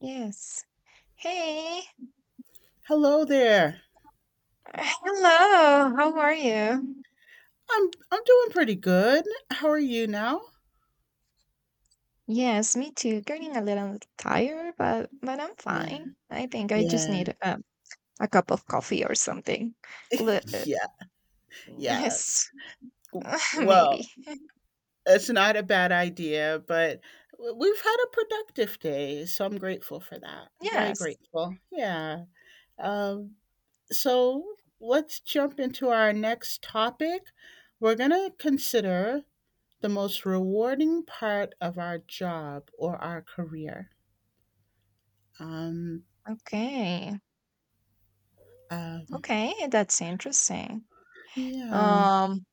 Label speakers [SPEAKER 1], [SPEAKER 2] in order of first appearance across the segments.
[SPEAKER 1] Yes. Hey.
[SPEAKER 2] Hello there.
[SPEAKER 1] Hello. How are you?
[SPEAKER 2] I'm doing pretty good. How are you now?
[SPEAKER 1] Yes, me too. Getting a little tired, but I'm
[SPEAKER 2] Yeah.
[SPEAKER 1] fine. I think I just
[SPEAKER 2] Yeah.
[SPEAKER 1] need a cup of coffee or something. Li- uh,
[SPEAKER 2] Yeah. Yes.
[SPEAKER 1] Yes,
[SPEAKER 2] Well,
[SPEAKER 1] maybe.
[SPEAKER 2] it's not a bad idea, but we've had a productive day, so I'm grateful for that. Very
[SPEAKER 1] Yes.
[SPEAKER 2] grateful. Yeah. Um so let's jump into our next topic. We're going to consider the most rewarding part of our job or our career. Um
[SPEAKER 1] Okay.
[SPEAKER 2] um
[SPEAKER 1] Okay, that's interesting.
[SPEAKER 2] yeah.
[SPEAKER 1] Um,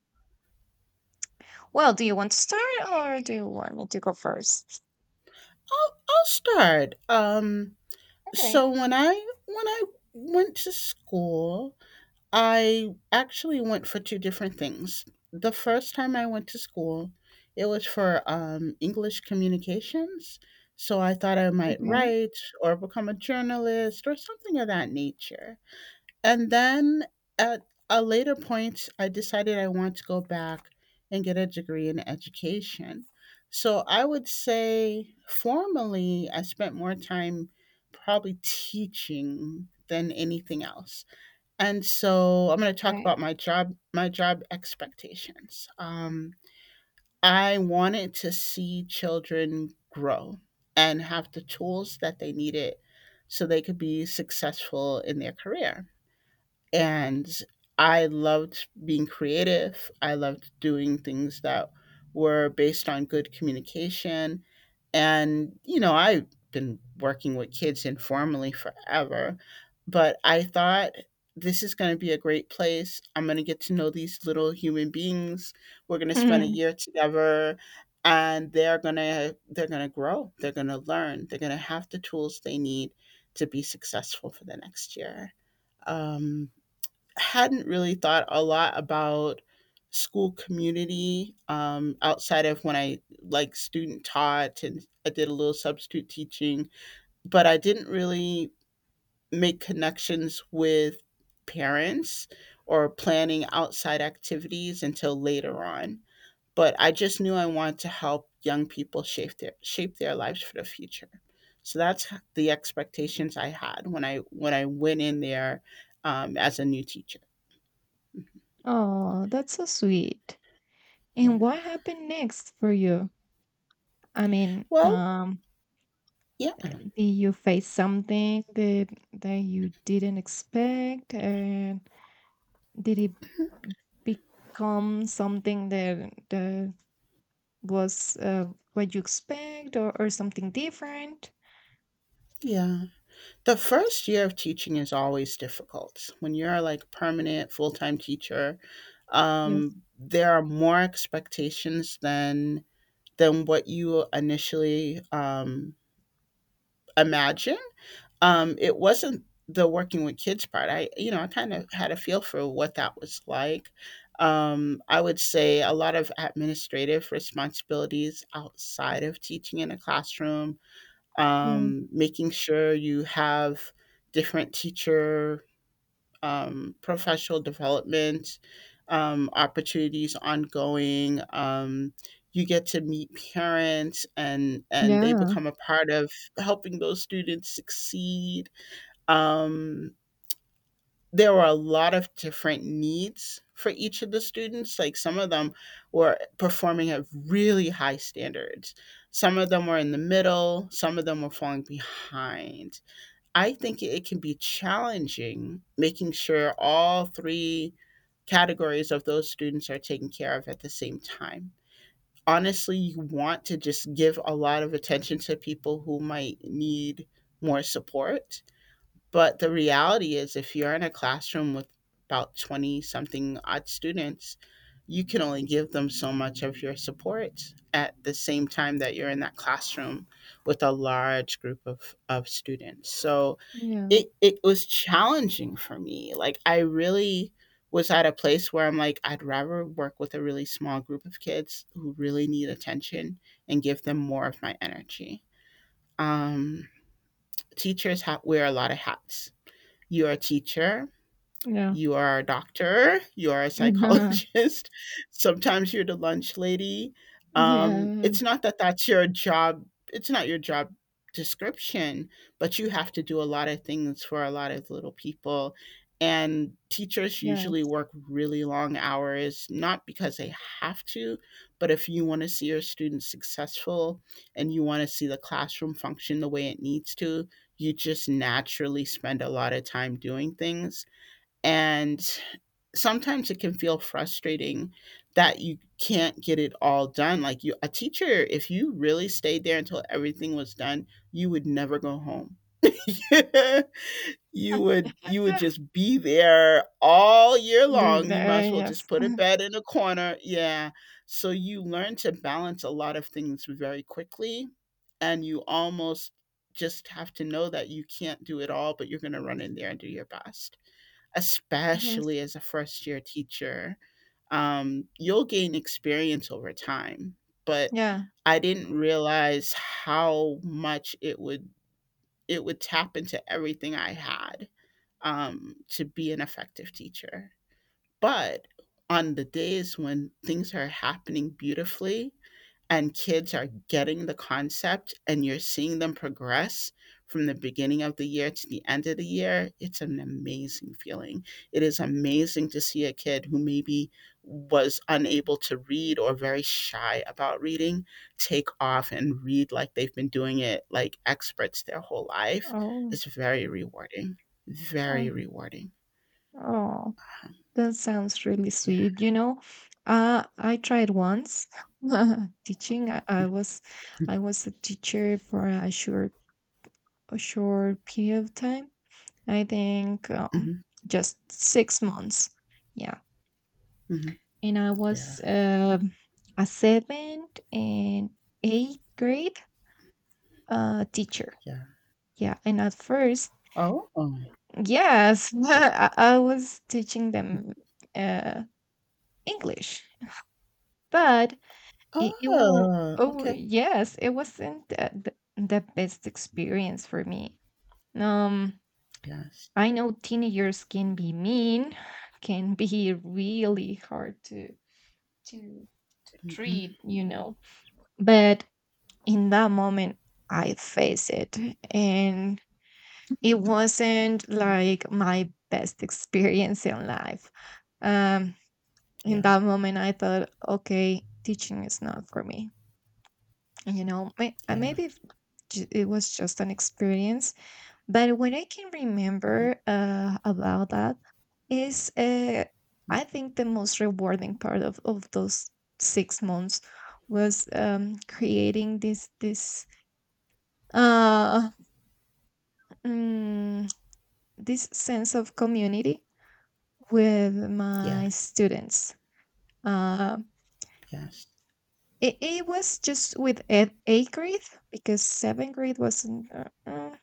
[SPEAKER 1] well, do you want to start or do you want me to go first?
[SPEAKER 2] I'll start.
[SPEAKER 1] Okay.
[SPEAKER 2] So when I went to school, I actually went for two different things. The first time I went to school, it was for English communications. So I thought I might
[SPEAKER 1] Okay.
[SPEAKER 2] write or become a journalist or something of that nature. And then at a later point, I decided I want to go back and get a degree in education. So I would say formally, I spent more time probably teaching than anything else. And so I'm going to talk
[SPEAKER 1] Okay.
[SPEAKER 2] about my job expectations. I wanted to see children grow and have the tools that they needed so they could be successful in their career and I loved being creative. I loved doing things that were based on good communication. And, you know, I've been working with kids informally forever, but I thought this is going to be a great place. I'm going to get to know these little human beings. We're going to spend a
[SPEAKER 1] Mhm.
[SPEAKER 2] year together and they're going to grow. They're going to learn. They're going to have the tools they need to be successful for the next year. Um Hadn't really thought a lot about school community outside of when I like student taught and I did a little substitute teaching, but I didn't really make connections with parents or planning outside activities until later on. But I just knew I wanted to help young people shape their lives for the future. So that's the expectations I had when I went in there as a new teacher.
[SPEAKER 1] Oh, that's so sweet. And
[SPEAKER 2] Yeah.
[SPEAKER 1] what happened next for you? I mean,
[SPEAKER 2] Well,
[SPEAKER 1] um,
[SPEAKER 2] yeah,
[SPEAKER 1] uh, did you face something that you didn't expect, and did it become something that was what you expect, or something different?
[SPEAKER 2] yeah. The first year of teaching is always difficult. When you're like a permanent full-time teacher,
[SPEAKER 1] Yes.
[SPEAKER 2] there are more expectations than what you initially imagine. It wasn't the working with kids part. I, you know, I kind of had a feel for what that was like. I would say a lot of administrative responsibilities outside of teaching in a classroom
[SPEAKER 1] Yeah.
[SPEAKER 2] making sure you have different teacher professional development opportunities ongoing. You get to meet parents and they
[SPEAKER 1] Yeah.
[SPEAKER 2] become a part of helping those students succeed. Um, there were a lot of different needs for each of the students. Like some of them were performing at really high standards. Some of them were in the middle. Some of them were falling behind. I think it can be challenging making sure all three categories of those students are taken care of at the same time. Honestly, you want to just give a lot of attention to people who might need more support. But the reality is, if you're in a classroom with about 20 something odd students, you can only give them so much of your support at the same time that you're in that classroom with a large group of students. So
[SPEAKER 1] Yeah.
[SPEAKER 2] it was challenging for me. Like I really was at a place where I'm like, I'd rather work with a really small group of kids who really need attention and give them more of my energy. Um, Teachers wear a lot of hats. You're a teacher,
[SPEAKER 1] Yeah.
[SPEAKER 2] you are a doctor, you are a psychologist, sometimes you're the lunch lady.
[SPEAKER 1] Yeah. Yeah.
[SPEAKER 2] It's not that that's your job, it's not your job description, but you have to do a lot of things for a lot of little people. And teachers usually
[SPEAKER 1] Yes.
[SPEAKER 2] work really long hours, not because they have to, but if you want to see your students successful and you want to see the classroom function the way it needs to, you just naturally spend a lot of time doing things and sometimes it can feel frustrating that you can't get it all done. Like you a teacher, if you really stayed there until everything was done, you would never go home. You would you would
[SPEAKER 1] Ah,
[SPEAKER 2] just be there all year long. You might
[SPEAKER 1] there,
[SPEAKER 2] as well just
[SPEAKER 1] yes,
[SPEAKER 2] put a bed in a corner. Yeah. So you learn to balance a lot of things very quickly, and you almost just have to know that you can't do it all, but you're gonna run in there and do your best especially
[SPEAKER 1] yes.
[SPEAKER 2] as a first year teacher, you'll gain experience over time. But
[SPEAKER 1] Yeah.
[SPEAKER 2] I didn't realize how much it would tap into everything I had to be an effective teacher. But on the days when things are happening beautifully, and kids are getting the concept and you're seeing them progress from the beginning of the year to the end of the year, it's an amazing feeling. It is amazing to see a kid who maybe was unable to read or very shy about reading take off and read like they've been doing it like experts their whole life.
[SPEAKER 1] Oh,
[SPEAKER 2] It's very rewarding.
[SPEAKER 1] Uh,
[SPEAKER 2] Very rewarding.
[SPEAKER 1] oh. That sounds really
[SPEAKER 2] Yeah.
[SPEAKER 1] sweet. You know, I tried once teaching. I was a teacher for a short period of time. I think
[SPEAKER 2] Hmm.
[SPEAKER 1] just 6 months. Yeah,
[SPEAKER 2] Hmm.
[SPEAKER 1] and I
[SPEAKER 2] Yeah.
[SPEAKER 1] was a seventh and eighth grade teacher.
[SPEAKER 2] Yeah.
[SPEAKER 1] Yeah, and at first,
[SPEAKER 2] Oh.
[SPEAKER 1] yes, I was teaching them uh, English, but It will,
[SPEAKER 2] Oh.
[SPEAKER 1] oh
[SPEAKER 2] Okay.
[SPEAKER 1] yes, it wasn't the best experience for me. Um,
[SPEAKER 2] Yes.
[SPEAKER 1] I know teenagers can be mean, can be really hard to to
[SPEAKER 2] Hmm.
[SPEAKER 1] treat, you know. But in that moment, I faced it, and it wasn't like my best experience in life. Um, in
[SPEAKER 2] Yeah,
[SPEAKER 1] that moment, I thought, okay, teaching is not for me, you know,
[SPEAKER 2] yeah.
[SPEAKER 1] maybe if it was just an experience, but what I can
[SPEAKER 2] Mhm,
[SPEAKER 1] remember about that is
[SPEAKER 2] mm,
[SPEAKER 1] I think the most rewarding part of those 6 months was creating uh, mm, this sense of community with
[SPEAKER 2] yeah,
[SPEAKER 1] my students, uh,
[SPEAKER 2] yes.
[SPEAKER 1] it, it was just with eighth grade because seventh grade wasn't uh, I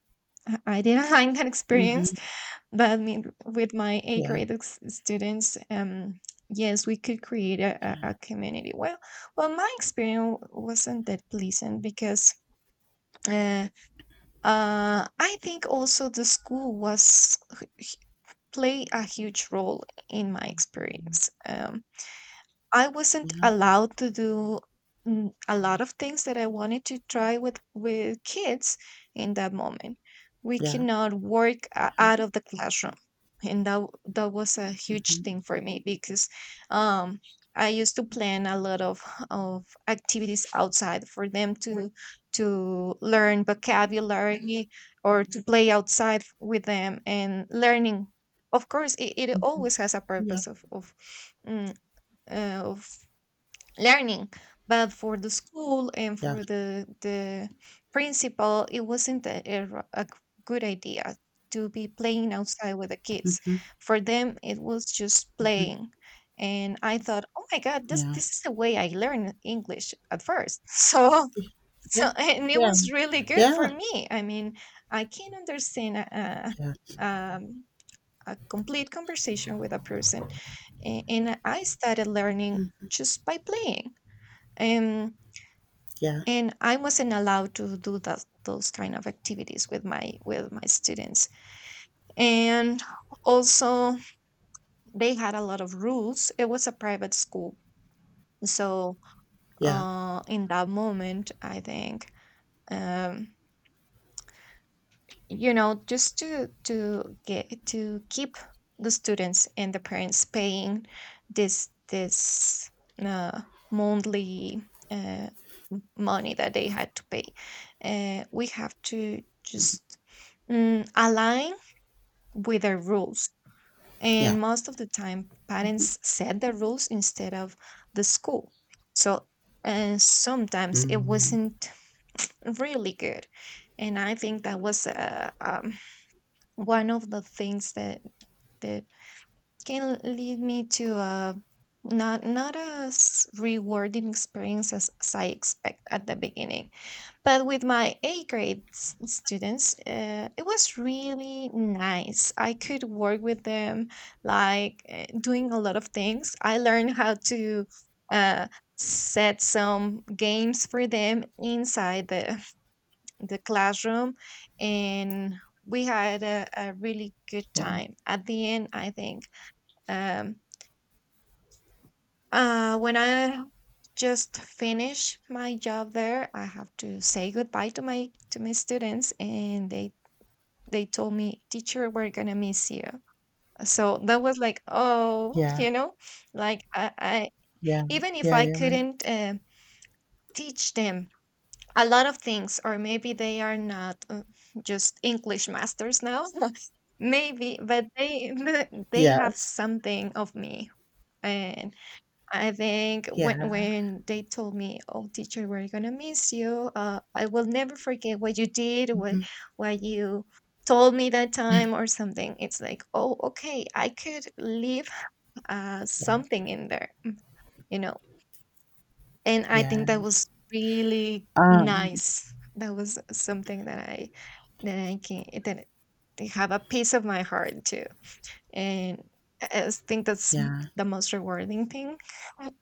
[SPEAKER 1] I didn't like that
[SPEAKER 2] Mhm.
[SPEAKER 1] experience, but I mean, with my A
[SPEAKER 2] Yeah,
[SPEAKER 1] grade students, yes, we could create
[SPEAKER 2] yeah,
[SPEAKER 1] a community. Well, well, my experience wasn't that pleasant because uh, I think also the school was play a huge role in my experience. I wasn't
[SPEAKER 2] yeah,
[SPEAKER 1] allowed to do a lot of things that I wanted to try with kids in that moment. We
[SPEAKER 2] yeah,
[SPEAKER 1] cannot work
[SPEAKER 2] yeah.
[SPEAKER 1] out of the classroom, and that was a huge
[SPEAKER 2] Mhm,
[SPEAKER 1] thing for me because um, I used to plan a lot of activities outside for them to learn vocabulary or to play outside with them and learning. Of course, it
[SPEAKER 2] mhm.
[SPEAKER 1] always has a
[SPEAKER 2] Yeah,
[SPEAKER 1] purpose of of. mm, of learning, but for the school and
[SPEAKER 2] yeah.
[SPEAKER 1] for the principal it wasn't a good idea to be playing outside with the kids,
[SPEAKER 2] Mhm,
[SPEAKER 1] for them it was just
[SPEAKER 2] mhm.
[SPEAKER 1] playing. And I thought, oh my god, this
[SPEAKER 2] Yeah.
[SPEAKER 1] this is the way I learned English at first. So, so
[SPEAKER 2] Yeah.
[SPEAKER 1] and it
[SPEAKER 2] Yeah.
[SPEAKER 1] was really good
[SPEAKER 2] Yeah.
[SPEAKER 1] for me, I mean I can understand
[SPEAKER 2] Yeah.
[SPEAKER 1] um, a complete conversation with a person, and I started learning
[SPEAKER 2] Mm,
[SPEAKER 1] just by playing, um,
[SPEAKER 2] yeah.
[SPEAKER 1] and I wasn't allowed to do that, those kind of activities with my students, and also they had a lot of rules, it was a private school. So
[SPEAKER 2] Yeah.
[SPEAKER 1] in that moment I think um, you know, just to get to keep the students and the parents paying this uh, monthly uh, money that they had to pay, we have to just align with the rules,
[SPEAKER 2] Yeah.
[SPEAKER 1] and most of the time
[SPEAKER 2] Mhm.
[SPEAKER 1] parents set the rules instead of the school. So, and sometimes it
[SPEAKER 2] Mm,
[SPEAKER 1] wasn't really good, and I think that was a one of the things that can lead me to a not as rewarding experience as I expect at the beginning. But with my A grade students, it was really nice. I could work with them, like doing a lot of things. I learned how to uh, set some games for them inside the classroom, and we had a really good
[SPEAKER 2] yeah.
[SPEAKER 1] time at the end, I think. um, when I just finish my job there, I have to say goodbye to my students and they told me, "Teacher, we're gonna miss you." So that was like, oh,
[SPEAKER 2] Yeah.
[SPEAKER 1] you know, like I,
[SPEAKER 2] Yeah.
[SPEAKER 1] even if
[SPEAKER 2] Yeah.
[SPEAKER 1] I
[SPEAKER 2] Yeah.
[SPEAKER 1] couldn't teach them a lot of things, or maybe they are not just English masters now, maybe, but they they have
[SPEAKER 2] Yes.
[SPEAKER 1] something of me. And I think
[SPEAKER 2] Yeah.
[SPEAKER 1] when they told me, "Oh, teacher, we're gonna miss you. I will never forget what you did, what
[SPEAKER 2] Mhm.
[SPEAKER 1] what you told me that time, or something." It's like, "Oh, okay, I could leave
[SPEAKER 2] Yeah.
[SPEAKER 1] something in there." You know, and I
[SPEAKER 2] Yeah.
[SPEAKER 1] think that was really
[SPEAKER 2] Um.
[SPEAKER 1] nice. That was something that I can that they have a piece of my heart too. And I just think that's
[SPEAKER 2] Yeah.
[SPEAKER 1] the most rewarding thing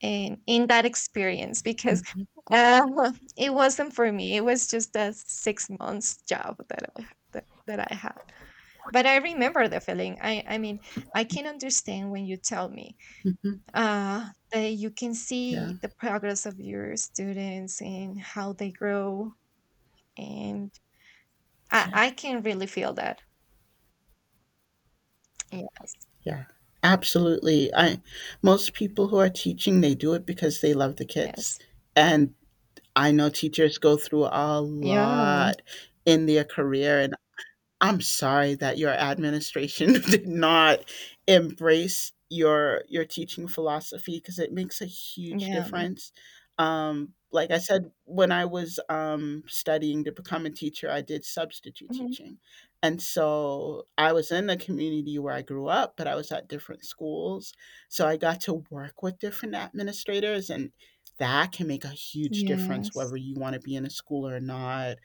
[SPEAKER 1] in that experience because
[SPEAKER 2] Mhm,
[SPEAKER 1] it wasn't for me. It was just a 6 month job that I had. But I remember the feeling. I mean, I can understand when you tell me
[SPEAKER 2] mhm.
[SPEAKER 1] that you can
[SPEAKER 2] Yeah.
[SPEAKER 1] see the progress of your students and how they grow. And
[SPEAKER 2] Yeah.
[SPEAKER 1] I can really feel that. Yeah.
[SPEAKER 2] Yeah, absolutely. I most people who are teaching, they do it because they love the kids.
[SPEAKER 1] Yes.
[SPEAKER 2] And I know teachers go through a
[SPEAKER 1] Yeah.
[SPEAKER 2] lot in their career, and I'm sorry that your administration did not embrace your teaching philosophy because it makes a huge
[SPEAKER 1] Yeah.
[SPEAKER 2] difference. Like I said, when I was studying to become a teacher, I did substitute
[SPEAKER 1] Mhm.
[SPEAKER 2] teaching, and so I was in the community where I grew up, but I was at different schools, so I got to work with different administrators, and that can make a huge difference
[SPEAKER 1] Yes.
[SPEAKER 2] whether you want to be in a school or not.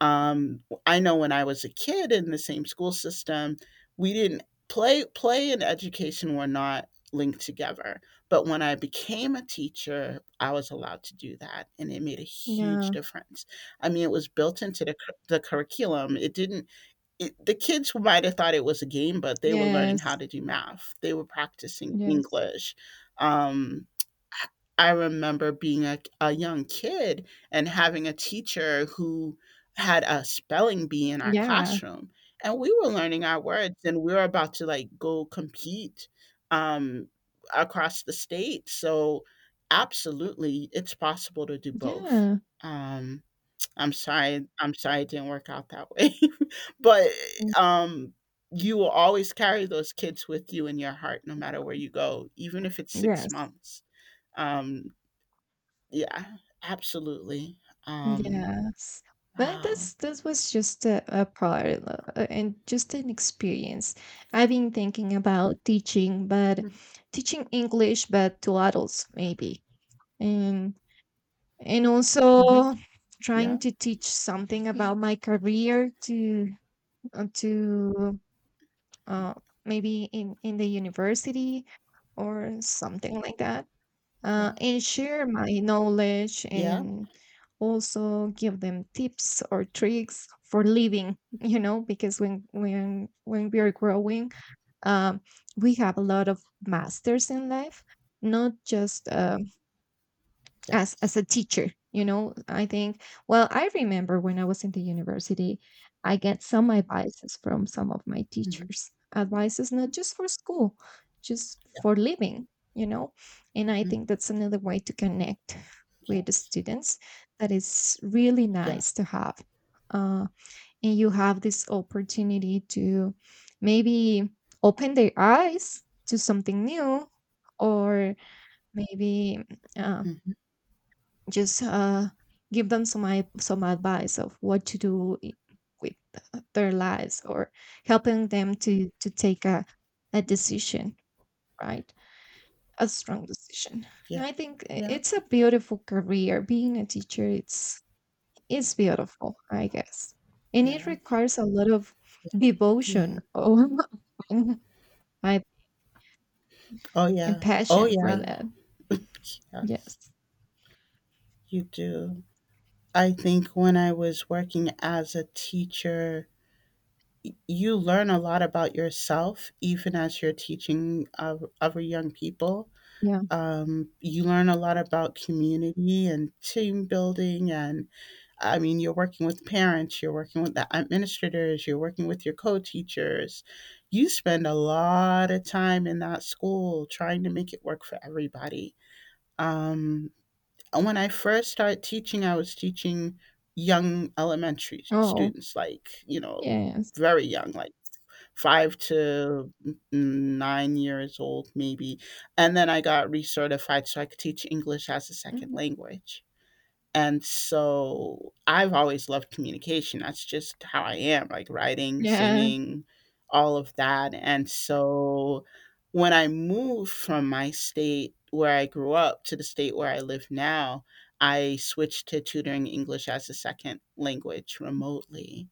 [SPEAKER 2] um, I know when I was a kid in the same school system, we didn't play and education were not linked together. But when I became a teacher, I was allowed to do that, and it made a huge
[SPEAKER 1] Yeah.
[SPEAKER 2] difference. I mean, it was built into the the curriculum. It didn't it, the kids might have thought it was a game, but they were learning how
[SPEAKER 1] Yes.
[SPEAKER 2] to do math. They were practicing
[SPEAKER 1] Yes.
[SPEAKER 2] English. Um, I remember being a young kid and having a teacher who had a spelling bee in our
[SPEAKER 1] Yeah.
[SPEAKER 2] classroom, and we were learning our words, and we were about to like go compete um, across the state. So, absolutely, it's possible to do both.
[SPEAKER 1] Yeah.
[SPEAKER 2] Um, I'm sorry it didn't work out that way. But,
[SPEAKER 1] Mm.
[SPEAKER 2] um, you will always carry those kids with you in your heart no matter where you go, even if it's 6
[SPEAKER 1] Yes.
[SPEAKER 2] months. Um, yeah, absolutely. Um,
[SPEAKER 1] Yes. But
[SPEAKER 2] wow.
[SPEAKER 1] this was just a part, and just an experience. I've been thinking about teaching, but teaching English, but to adults maybe, and and
[SPEAKER 2] Mm, mhm.
[SPEAKER 1] also trying
[SPEAKER 2] Yeah,
[SPEAKER 1] to teach something about my career to uh, to uh, maybe in the university or something like that,
[SPEAKER 2] yeah,
[SPEAKER 1] and share my knowledge
[SPEAKER 2] yeah,
[SPEAKER 1] and also give them tips or tricks for living you know because when we are growing um, we have a lot of masters in life, not just as
[SPEAKER 2] yes.
[SPEAKER 1] a teacher, you know, I think, well, I remember when I was in the university, I get some advices from some of my
[SPEAKER 2] Mhm,
[SPEAKER 1] teachers, advices not just for school, just
[SPEAKER 2] yeah,
[SPEAKER 1] for living, you know. And I
[SPEAKER 2] mhm,
[SPEAKER 1] think that's another way to connect
[SPEAKER 2] yeah,
[SPEAKER 1] with the students, that is really
[SPEAKER 2] yeah,
[SPEAKER 1] nice to have. uh, and you have this opportunity to maybe open their eyes to something new, or maybe uh,
[SPEAKER 2] mhm,
[SPEAKER 1] just give them some advice of what to do with their lives, or helping them to take a decision, right, a strong decision.
[SPEAKER 2] yeah,
[SPEAKER 1] And I think
[SPEAKER 2] yeah,
[SPEAKER 1] it's a beautiful career being a teacher, it's beautiful, I guess, and it
[SPEAKER 2] yeah,
[SPEAKER 1] requires a lot of devotion
[SPEAKER 2] yeah.
[SPEAKER 1] or, and, I,
[SPEAKER 2] Oh,
[SPEAKER 1] and
[SPEAKER 2] yeah. Oh,
[SPEAKER 1] passion for
[SPEAKER 2] yeah.
[SPEAKER 1] that.
[SPEAKER 2] Yes,
[SPEAKER 1] Yes.
[SPEAKER 2] you do. I think when I was working as a teacher you learn a lot about yourself even as you're teaching other young people,
[SPEAKER 1] Yeah.
[SPEAKER 2] you learn a lot about community and team building and I mean you're working with parents you're working with the administrators you're working with your co-teachers. You spend a lot of time in that school trying to make it work for everybody. um, when I first started teaching I was teaching young elementary
[SPEAKER 1] Oh,
[SPEAKER 2] students, like, you know,
[SPEAKER 1] yes.
[SPEAKER 2] very young, like 5 to 9 years old maybe, and then I got recertified so I could teach English as a second
[SPEAKER 1] Mhm.
[SPEAKER 2] language. And so I've always loved communication. That's just how I am, like writing,
[SPEAKER 1] Yeah.
[SPEAKER 2] singing, all of that. And so when I moved from my state where I grew up to the state where I live now, I switched to tutoring English as a second language remotely.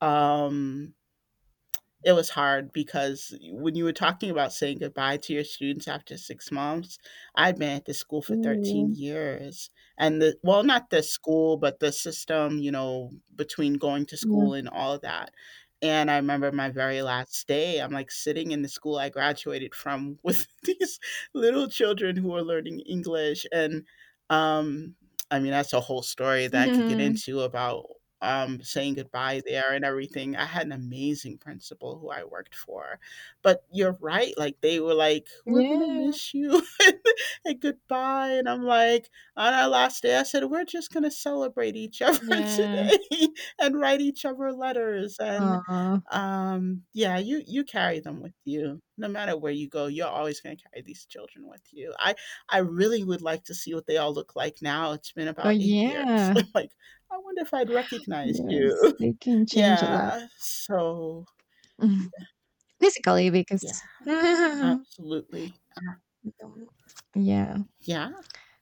[SPEAKER 2] Um it was hard because when you were talking about saying goodbye to your students after 6 months, I'd been at this school for 13
[SPEAKER 1] Ooh.
[SPEAKER 2] years. And the well, not the school, but the system, you know, between going to
[SPEAKER 1] Yeah.
[SPEAKER 2] school and all of that. And I remember my very last day, I'm, like, sitting in the school I graduated from with these little children who are learning English, and, um, I mean, that's a whole story that I could get
[SPEAKER 1] Mhm.
[SPEAKER 2] into about saying goodbye there and everything. I had an amazing principal who I worked for. But you're right, like they were like, We're gonna
[SPEAKER 1] Yeah,
[SPEAKER 2] miss you and goodbye. And I'm like, on our last day, I said, We're just gonna celebrate each other
[SPEAKER 1] yeah.
[SPEAKER 2] today and write each other letters and
[SPEAKER 1] Aw.
[SPEAKER 2] yeah, you carry them with you no matter where you go. You're always going to carry these children with you. I really would like to see what they all look like now. It's been
[SPEAKER 1] Oh,
[SPEAKER 2] about eight years,
[SPEAKER 1] yeah.
[SPEAKER 2] like I wonder if I'd recognize you.
[SPEAKER 1] Yes, they can change a lot.
[SPEAKER 2] Yeah. So,
[SPEAKER 1] Physically,
[SPEAKER 2] yeah,
[SPEAKER 1] because
[SPEAKER 2] absolutely.
[SPEAKER 1] Mhm. Yeah.
[SPEAKER 2] Yeah.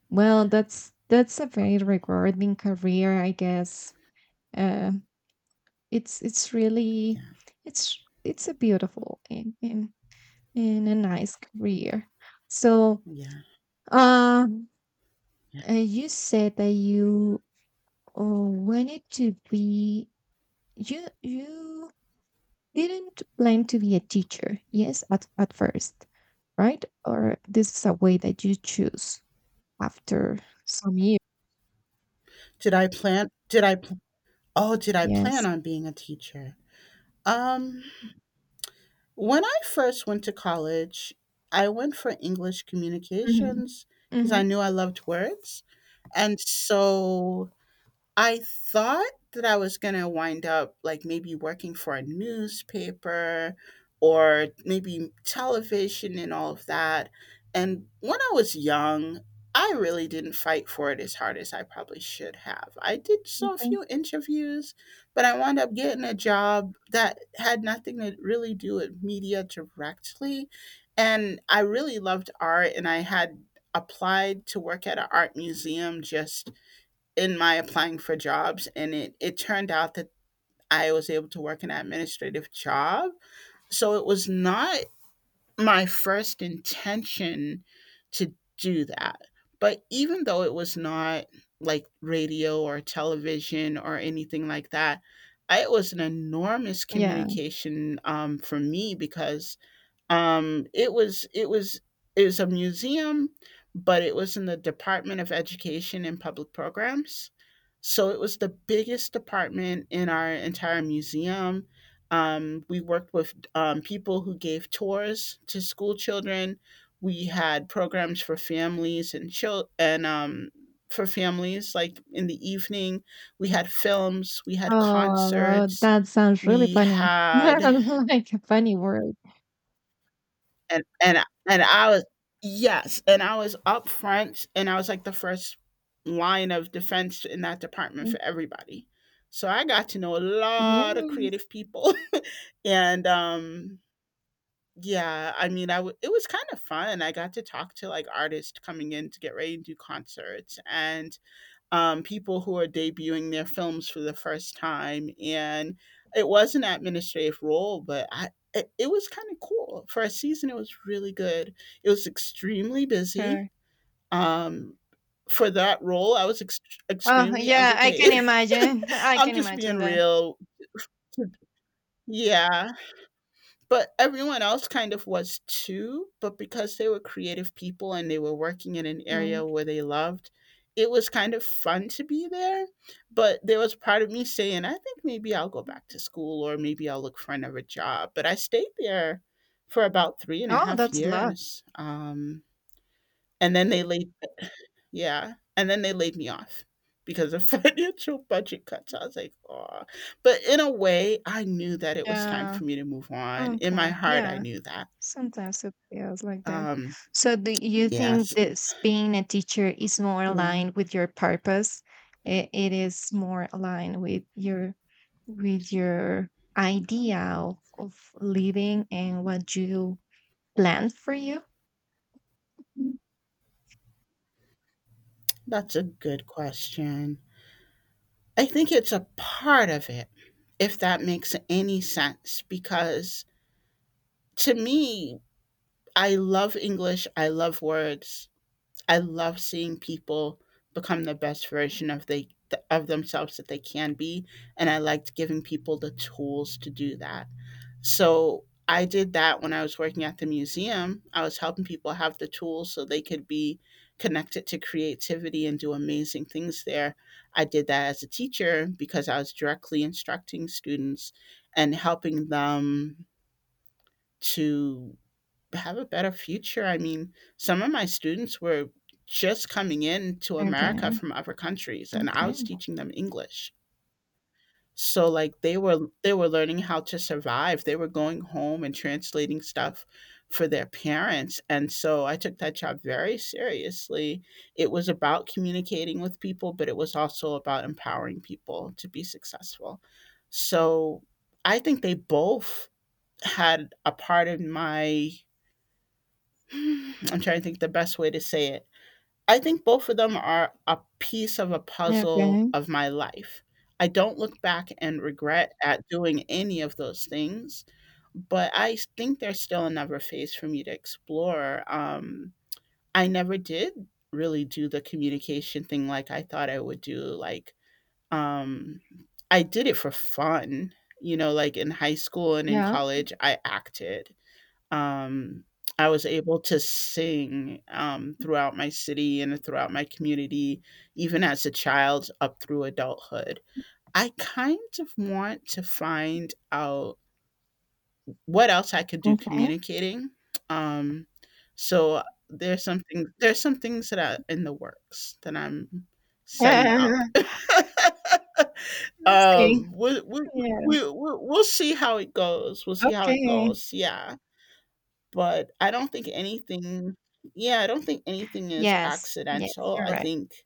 [SPEAKER 1] Well, that's a very rewarding career, I guess. Uh, it's really
[SPEAKER 2] Yeah.
[SPEAKER 1] it's a beautiful and a nice career. So,
[SPEAKER 2] Yeah.
[SPEAKER 1] um,
[SPEAKER 2] Yeah.
[SPEAKER 1] you said that you wanted to be, you didn't plan to be a teacher, yes, at first, right, or this is a way that you choose after some years?
[SPEAKER 2] Did I plan did I pl- Oh, did I plan
[SPEAKER 1] Yes.
[SPEAKER 2] on being a teacher? Um, when I first went to college, I went for English
[SPEAKER 1] Hmm,
[SPEAKER 2] communications because I
[SPEAKER 1] hmm.
[SPEAKER 2] knew I loved words. And so I thought that I was gonna wind up like maybe working for a newspaper or maybe television and all of that. And when I was young, I really didn't fight for it as hard as I probably should have. I did so a few interviews, but I wound up getting a job that had nothing to really do with media directly. And I really loved art, and I had applied to work at an art museum just in my applying for jobs, and it turned out that I was able to work an administrative job. So it was not my first intention to do that. But even though it was not like radio or television or anything like that, I, it was an enormous
[SPEAKER 1] Yeah.
[SPEAKER 2] communication for me because um, it was it was it was a museum, but it was in the Department of Education and Public Programs. So it was the biggest department in our entire museum. We worked with people who gave tours to school children. We had programs for families and for families like in the evening. We had films. We had
[SPEAKER 1] Oh,
[SPEAKER 2] concerts.
[SPEAKER 1] that sounds really
[SPEAKER 2] We
[SPEAKER 1] funny, like
[SPEAKER 2] had
[SPEAKER 1] a funny word.
[SPEAKER 2] and and and I was Yes, and I was up front, and I was like the first line of defense in that department
[SPEAKER 1] Mm,
[SPEAKER 2] for everybody. So I got to know a lot of
[SPEAKER 1] yes.
[SPEAKER 2] creative people, and yeah, I mean, it was kind of fun. I got to talk to like artists coming in to get ready to do concerts, and people who are debuting their films for the first time. And it was an administrative role, but I, it was kind of cool. For a season, it was really good. It was extremely busy.
[SPEAKER 1] Sure.
[SPEAKER 2] Um, for that role, I was
[SPEAKER 1] Oh,
[SPEAKER 2] extremely
[SPEAKER 1] yeah, I can
[SPEAKER 2] underpaid.
[SPEAKER 1] imagine. I
[SPEAKER 2] I'm
[SPEAKER 1] can
[SPEAKER 2] just being
[SPEAKER 1] imagine that.
[SPEAKER 2] real. Yeah, but everyone else kind of was too, but because they were creative people and they were working in an area
[SPEAKER 1] Mm.
[SPEAKER 2] where they loved it was kind of fun to be there. But there was part of me saying, I think maybe I'll go back to school or maybe I'll look for another job. But I stayed there for about three and a
[SPEAKER 1] Oh,
[SPEAKER 2] half
[SPEAKER 1] that's a lot.
[SPEAKER 2] years. And then they laid Yeah, and then they laid me off because of financial budget cuts. I was like, oh. But in a way, I knew that it was time
[SPEAKER 1] Yeah.
[SPEAKER 2] for me to move on. In my
[SPEAKER 1] Okay.
[SPEAKER 2] heart, I
[SPEAKER 1] Yeah.
[SPEAKER 2] knew that.
[SPEAKER 1] Sometimes it feels like that.
[SPEAKER 2] Um,
[SPEAKER 1] So, do you think
[SPEAKER 2] yes.
[SPEAKER 1] this being a teacher is more
[SPEAKER 2] Yeah,
[SPEAKER 1] aligned with your purpose? It is more aligned with your idea of living and what you plan for you. Mm.
[SPEAKER 2] that's a good question. I think it's a part of it, if that makes any sense, because to me, I love English, I love words. I love seeing people become the best version of they of themselves that they can be, and I liked giving people the tools to do that. So, I did that when I was working at the museum. I was helping people have the tools so they could be connected to creativity and do amazing things there. I did that as a teacher because I was directly instructing students and helping them to have a better future. I mean, some of my students were just coming in to America
[SPEAKER 1] Okay.
[SPEAKER 2] from other countries, and I
[SPEAKER 1] Okay.
[SPEAKER 2] was teaching them English. So like they were learning how to survive. They were going home and translating stuff for their parents. And so I took that job very seriously. It was about communicating with people, but it was also about empowering people to be successful. So I think they both had a part in my Mm, I'm trying to think the best way to say it. I think both of them are a piece of a puzzle
[SPEAKER 1] Okay.
[SPEAKER 2] of my life. I don't look back and regret at doing any of those things, but I think there's still another phase for me to explore. I never did really do the communication thing like I thought I would do. Like, um, I did it for fun, you know, like in high school and in
[SPEAKER 1] Yeah.
[SPEAKER 2] college, I acted, um, I was able to sing, throughout my city and throughout my community, even as a child up through adulthood. I kind of want to find out what else I could do
[SPEAKER 1] Okay.
[SPEAKER 2] communicating. Um, so there's some things that are in the works that I'm setting up.
[SPEAKER 1] Yeah. Let's see.
[SPEAKER 2] Um, we we we
[SPEAKER 1] Yes.
[SPEAKER 2] we we'll see how it goes. We'll see how it
[SPEAKER 1] Okay.
[SPEAKER 2] goes. Yeah. But I don't think anything yeah, I don't think anything is
[SPEAKER 1] Yes. Yes,
[SPEAKER 2] accidental.
[SPEAKER 1] you're
[SPEAKER 2] I
[SPEAKER 1] right.
[SPEAKER 2] think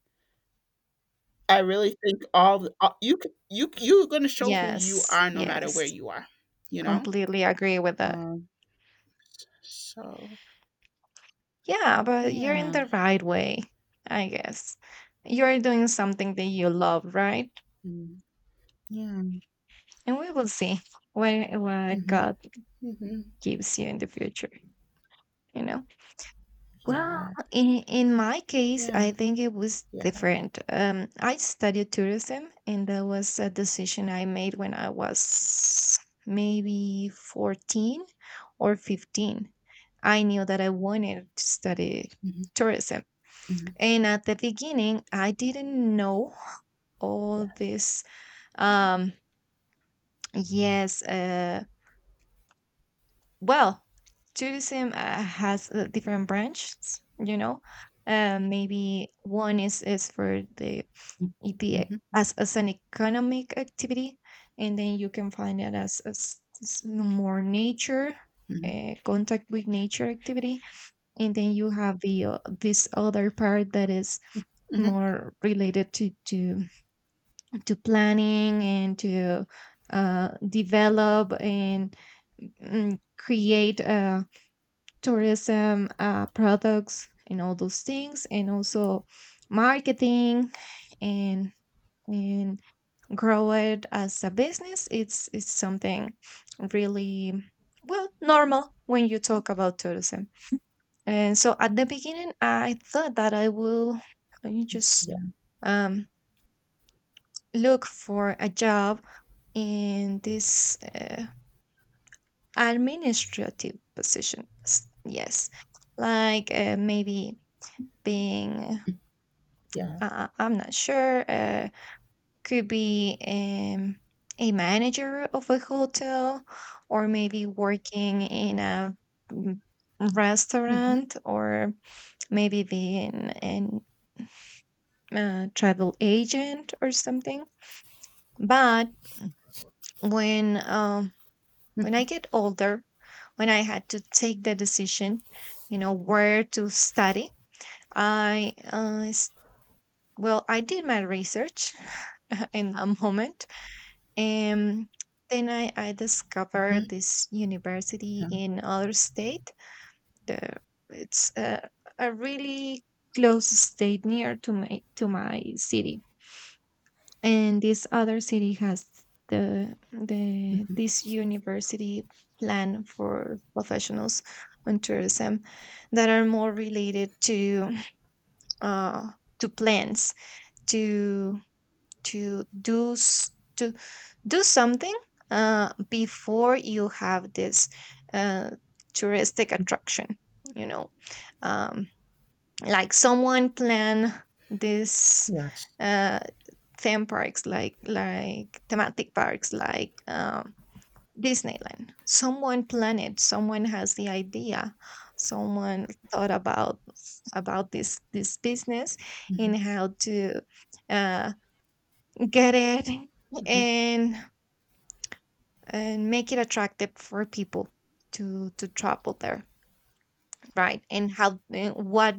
[SPEAKER 2] I really think all the a you c you you're gonna show who you
[SPEAKER 1] Yes.
[SPEAKER 2] are no matter where
[SPEAKER 1] Yes.
[SPEAKER 2] you are, you know?
[SPEAKER 1] Completely agree with that.
[SPEAKER 2] Um, so,
[SPEAKER 1] Yeah, but you're in
[SPEAKER 2] yeah.
[SPEAKER 1] the right way, I guess. You're doing something that you love, right?
[SPEAKER 2] Mm, yeah.
[SPEAKER 1] And we will see where what
[SPEAKER 2] Mhm,
[SPEAKER 1] God
[SPEAKER 2] mhm.
[SPEAKER 1] gives you in the future, you know? Well,
[SPEAKER 2] Yeah,
[SPEAKER 1] in my case,
[SPEAKER 2] yeah,
[SPEAKER 1] I think it was
[SPEAKER 2] yeah.
[SPEAKER 1] different. I studied tourism, and that was a decision I made when I was maybe 14 or 15. I knew that I wanted to study
[SPEAKER 2] Mhm,
[SPEAKER 1] tourism.
[SPEAKER 2] mhm,
[SPEAKER 1] And at the beginning, I didn't know all
[SPEAKER 2] yes.
[SPEAKER 1] this. Um, yes. Well, tourism has different branches. You know, maybe one is for the,
[SPEAKER 2] Mhm,
[SPEAKER 1] as an economic activity, and then you can find it as more nature.
[SPEAKER 2] mhm,
[SPEAKER 1] Contact with nature activity, and then you have the this other part that is
[SPEAKER 2] mhm.
[SPEAKER 1] more related to to planning and to develop and create tourism products and all those things, and also marketing and and grow it as a business. It's something really well normal when you talk about tourism. And so at the beginning, I thought that I will just
[SPEAKER 2] Yeah,
[SPEAKER 1] um, look for a job in this administrative position. Yes, like maybe being,
[SPEAKER 2] yeah.
[SPEAKER 1] uh, uh, I'm not sure, could be a manager of a hotel, or maybe working in a mm,
[SPEAKER 2] Mhm,
[SPEAKER 1] restaurant, or maybe being an travel agent or something. But when um, When I
[SPEAKER 2] mhm,
[SPEAKER 1] get older, when I had to take the decision, where to study, I, uh, s- well, I did my research in a moment. And then I discovered
[SPEAKER 2] mhm,
[SPEAKER 1] this university
[SPEAKER 2] yeah.
[SPEAKER 1] in other state. The, it's a really close state near to my city, and this other city has the this university plan for professionals on tourism that are more related to uh, to plans, to to do s- to do something before you have this uh, touristic attraction, you know, um, like someone plan this
[SPEAKER 2] Yes.
[SPEAKER 1] uh, theme parks, like thematic parks, like disneyland. Someone planned it. Someone has the idea, someone thought about this business, and
[SPEAKER 2] Mhm,
[SPEAKER 1] how to uh, get it,
[SPEAKER 2] mhm.
[SPEAKER 1] and and make it attractive for people to travel there, right? And how— what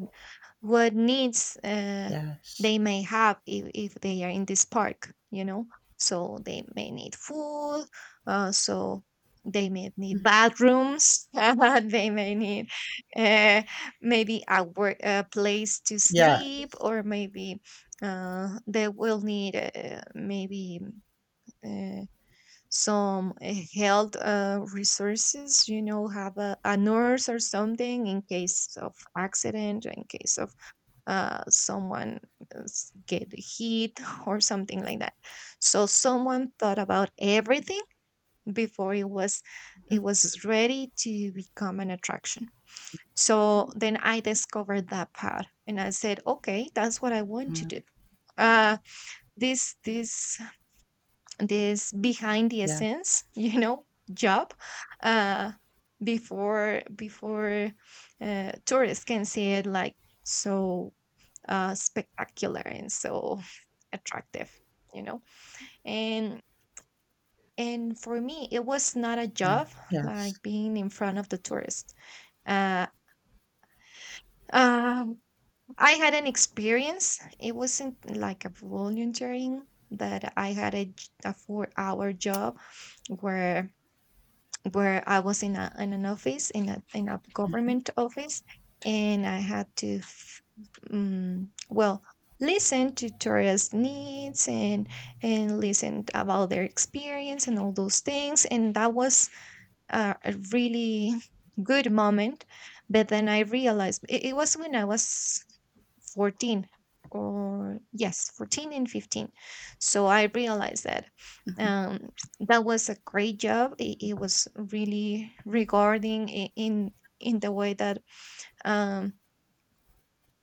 [SPEAKER 1] needs
[SPEAKER 2] Yes.
[SPEAKER 1] they may have if they are in this park, you know, so they may need food. So they may
[SPEAKER 2] Mm,
[SPEAKER 1] need bathrooms they may need uh, maybe a work, a place to sleep,
[SPEAKER 2] yes.
[SPEAKER 1] or maybe they will need maybe uh, some health resources, you know, have a nurse or something, in case of accident, in case of someone is get hit or something like that. So someone thought about everything before it was it
[SPEAKER 2] Mhm,
[SPEAKER 1] was ready to become an attraction. So then I discovered that part, and I said, okay, that's what I want to
[SPEAKER 2] mm,
[SPEAKER 1] do, uh, this— this behind the
[SPEAKER 2] yeah,
[SPEAKER 1] essence you know, job, uh before tourists can see it, like, so spectacular and so attractive, you know. And and for me, it was not a
[SPEAKER 2] yeah,
[SPEAKER 1] job,
[SPEAKER 2] yes.
[SPEAKER 1] like being in front of the tourists. uh um I had an experience. It wasn't like a volunteering, but I had a 4-hour job, where I was in a in an office, in a government office, and I had to, well, listen to tourists' needs, and listen about their experience and all those things, and that was a really good moment. But then I realized it was when I was 14, or yes, 14 and 15. So I realized that um, that was a great job. It was really regarding, in the way that um,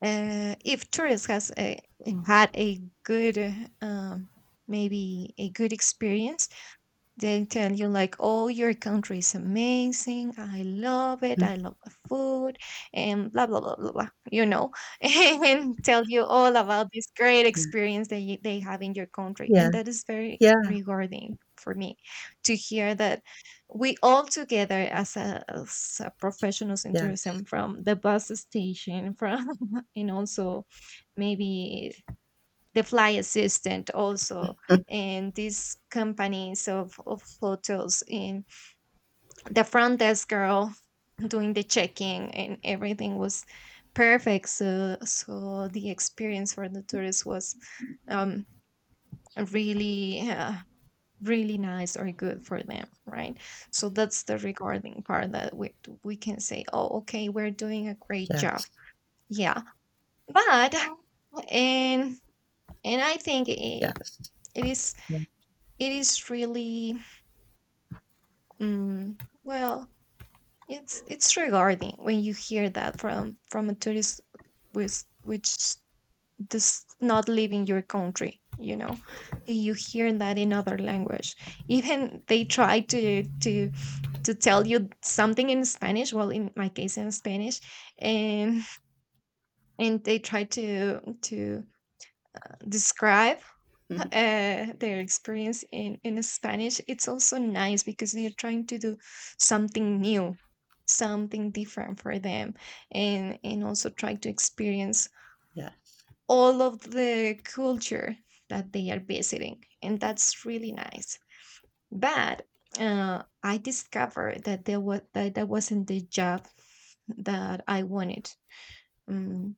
[SPEAKER 1] if tourists had a good um, maybe a good experience, they tell you, like, oh, your country is amazing. I love it.
[SPEAKER 2] Mm,
[SPEAKER 1] I love the food, and blah, blah, blah, blah, blah, you know, and tell you all about this great experience that they have in your country.
[SPEAKER 2] yeah,
[SPEAKER 1] And that is very
[SPEAKER 2] yeah,
[SPEAKER 1] rewarding for me to hear that we all together as a professionals in
[SPEAKER 2] yeah,
[SPEAKER 1] tourism, from the bus station, from and also maybe the fly assistant also,
[SPEAKER 2] yes,
[SPEAKER 1] and these companies of hotels, and the front desk girl doing the checking, and everything was perfect, so the experience for the tourists was um really— really nice or good for them, right? So that's the regarding part, that we can say, oh, okay, we're doing a great job.
[SPEAKER 2] yes,
[SPEAKER 1] Yeah. But— and and I think
[SPEAKER 2] yes,
[SPEAKER 1] it is
[SPEAKER 2] mm,
[SPEAKER 1] it is really— mm, well, it's regarding when you hear that from a tourist with which does not live in your country, you know. You hear that in other language. Even they try to tell you something in spanish, well, in my case, in spanish. And and they try to describe
[SPEAKER 2] mhm,
[SPEAKER 1] their experience in Spanish. It's also nice because they're trying to do something new, something different for them, and also try to experience
[SPEAKER 2] yes,
[SPEAKER 1] all of the culture that they are visiting, and that's really nice. But I discovered that there was that that wasn't the job that I wanted. mm,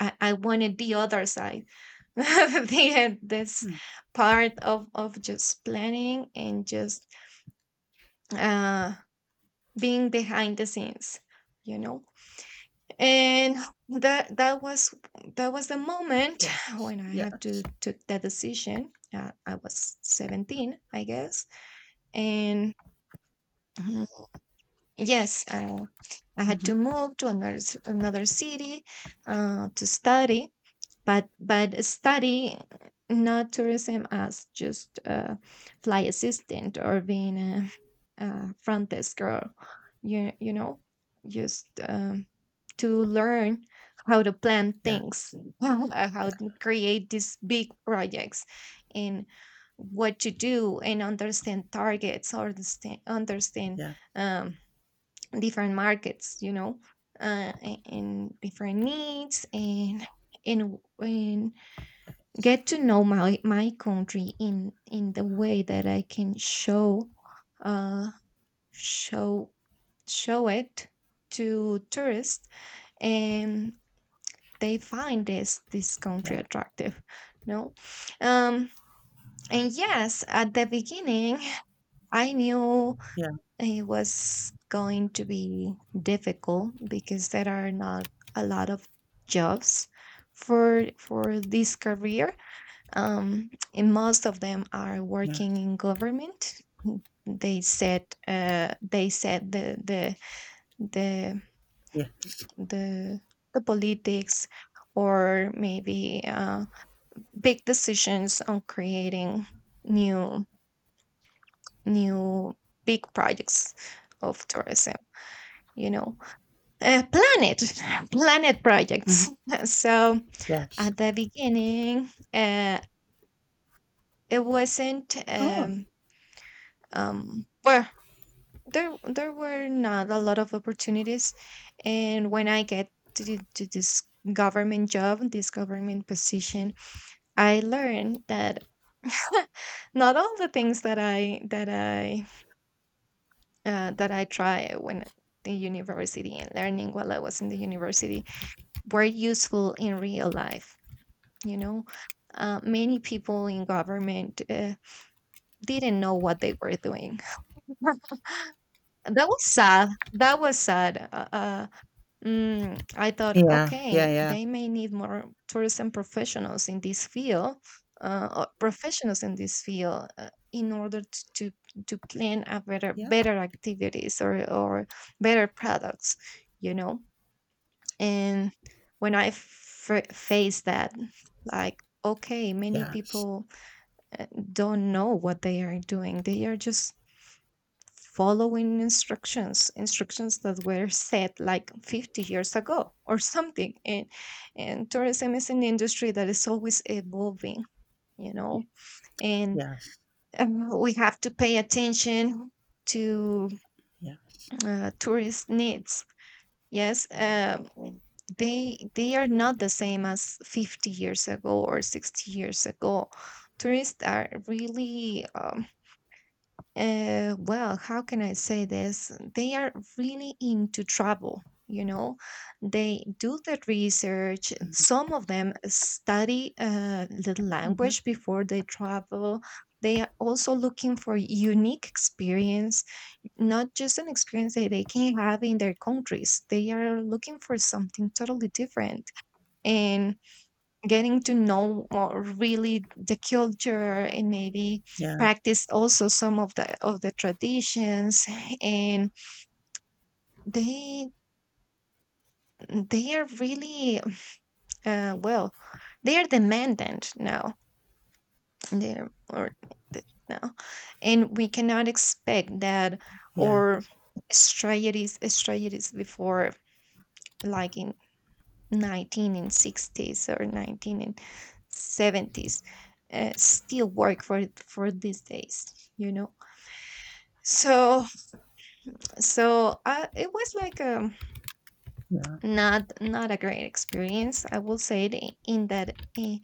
[SPEAKER 1] I wanted the other side. the this
[SPEAKER 2] hmm,
[SPEAKER 1] part of just planning, and just uh, being behind the scenes, you know. And that that was that was the moment
[SPEAKER 2] yes,
[SPEAKER 1] when I had
[SPEAKER 2] yes,
[SPEAKER 1] to took that decision. I was 17, I guess, and— Mhm. Yes, I had
[SPEAKER 2] mhm,
[SPEAKER 1] to move to another city to study, but study— not tourism as just a fly assistant, or being a front desk girl, you know, just to learn how to plan
[SPEAKER 2] yeah,
[SPEAKER 1] things
[SPEAKER 2] yeah,
[SPEAKER 1] how to create these big projects, and what to do, and understand targets, or understand
[SPEAKER 2] yeah,
[SPEAKER 1] um, different markets, you know, and different needs, and get to know my country in the way that I can uh show show it to tourists, and they find this country
[SPEAKER 2] yeah,
[SPEAKER 1] attractive. No um and yes, at the beginning, I knew
[SPEAKER 2] yeah,
[SPEAKER 1] it was going to be difficult because there are not a lot of jobs for this career. And most of them are
[SPEAKER 2] yeah,
[SPEAKER 1] working
[SPEAKER 2] yes,
[SPEAKER 1] in government. They said the
[SPEAKER 2] yeah,
[SPEAKER 1] the the politics, or maybe big decisions on creating new new big projects of tourism, you know. Planet— planet
[SPEAKER 2] mhm,
[SPEAKER 1] projects. So
[SPEAKER 2] yes.
[SPEAKER 1] at the beginning, it wasn't—
[SPEAKER 2] Oh,
[SPEAKER 1] well, there were not a lot of opportunities. And when I get to this government job, this government position, I learned that not all the things that I try when the university, and learning while I was in the university, were useful in real life, you know. Many people in government didn't know what they were doing that was sad. That was sad. I thought,
[SPEAKER 2] yeah, yeah,
[SPEAKER 1] okay,
[SPEAKER 2] yeah,
[SPEAKER 1] they may need more tourism professionals in this field, or professionals in this field, in order to plan a better
[SPEAKER 2] yeah,
[SPEAKER 1] better activities, or better products, you know. And when I faced that, like, okay, many
[SPEAKER 2] yes,
[SPEAKER 1] people uh, don't know what they are doing. They are just following instructions, instructions that were set like 50 years ago or something. And tourism is an industry that is always evolving, you
[SPEAKER 2] yeah,
[SPEAKER 1] know, and
[SPEAKER 2] yes,
[SPEAKER 1] we have to pay attention to
[SPEAKER 2] yeah,
[SPEAKER 1] tourist needs. Yes, they are not the same as 50 years ago or 60 years ago. Tourists are really— well, how can I say this? They are really into travel, you know. They do the research.
[SPEAKER 2] mm,
[SPEAKER 1] Some of them study the
[SPEAKER 2] mm-hmm,
[SPEAKER 1] language before they travel. They are also looking for unique experience, not just an experience that they can have in their countries. They are looking for something totally different. And getting to know more really the culture, and maybe
[SPEAKER 2] yeah,
[SPEAKER 1] practice also some of the traditions, and they they are really— well, they are demandant now. they're or Now, and we cannot expect that,
[SPEAKER 2] yeah,
[SPEAKER 1] or— strategies before, like in 19 and 60s or 19 and 70s, still work for these days, you know. So so uh, it was like,
[SPEAKER 2] yeah,
[SPEAKER 1] not— a great experience, I will say it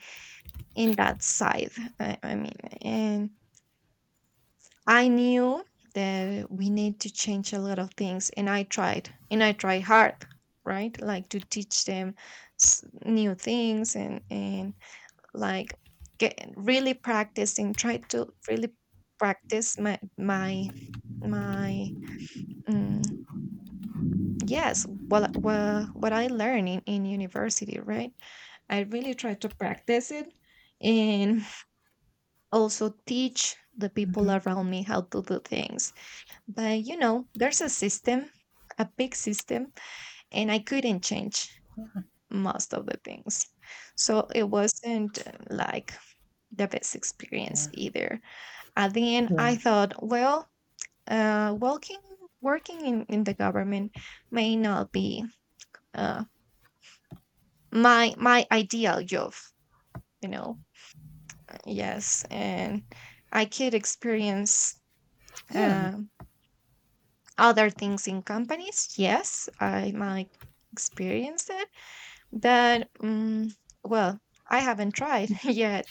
[SPEAKER 1] in that side, I mean. And I knew that we need to change a lot of things, and I tried, and I tried hard, right? Like, to teach them new things, and like, get really practicing, try to really practice my mm, well, what I learned in university, right? I really try to practice it, and also teach the people
[SPEAKER 2] mhm,
[SPEAKER 1] around me how to do things. But, you know, there's a system, a big system, and I couldn't change most of the things, so it wasn't like the best experience
[SPEAKER 2] yeah,
[SPEAKER 1] either. At the end, I thought, well, uh, working working in the government may not be uh, my ideal job. You know, yes, and I could experience
[SPEAKER 2] yeah, yeah,
[SPEAKER 1] um other things in companies. Yes, I might experience it, but well, I haven't tried yet.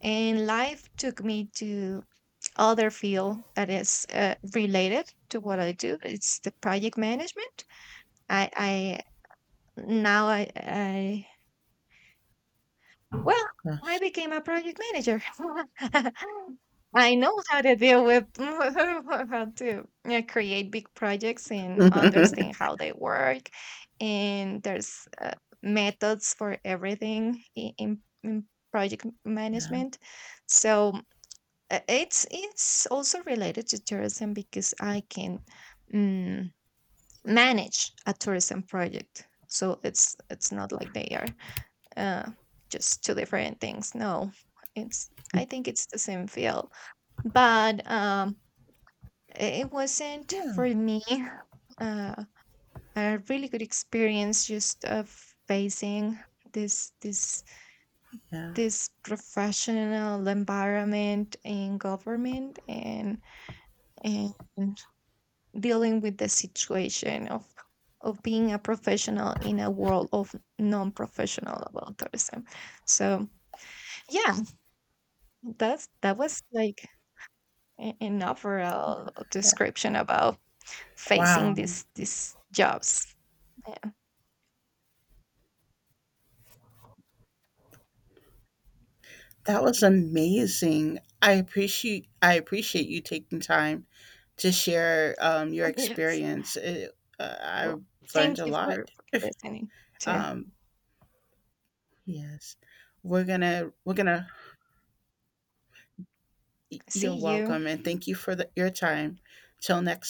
[SPEAKER 1] And life took me to other field that is related to what I do. It's the project management. I now I well
[SPEAKER 2] yeah,
[SPEAKER 1] I
[SPEAKER 2] yes,
[SPEAKER 1] became a project manager. I know how to deal with how to create big projects and understand how they work. And there's methods for everything in project
[SPEAKER 2] yeah,
[SPEAKER 1] management. So it's also related to tourism, because I can mm, manage a tourism project. So it's not like they are uh, just two different things. No, it's— I think it's the same field, but it wasn't
[SPEAKER 2] yeah,
[SPEAKER 1] for me uh, a really good experience, just of facing this this
[SPEAKER 2] yeah,
[SPEAKER 1] this professional environment in government, and dealing with the situation of being a professional in a world of non-professional about tourism. So yeah, that was like an overall
[SPEAKER 2] yeah.
[SPEAKER 1] description about facing
[SPEAKER 2] Wow.
[SPEAKER 1] these jobs. Yeah.
[SPEAKER 2] That was amazing. I appreciate you taking time to share your
[SPEAKER 1] Yes.
[SPEAKER 2] experience. It, I
[SPEAKER 1] Well,
[SPEAKER 2] learned
[SPEAKER 1] thank
[SPEAKER 2] a
[SPEAKER 1] you for,
[SPEAKER 2] lot.
[SPEAKER 1] for listening. To
[SPEAKER 2] Um, yes, we're gonna. You're
[SPEAKER 1] see you.
[SPEAKER 2] welcome, and thank you for your time. Till next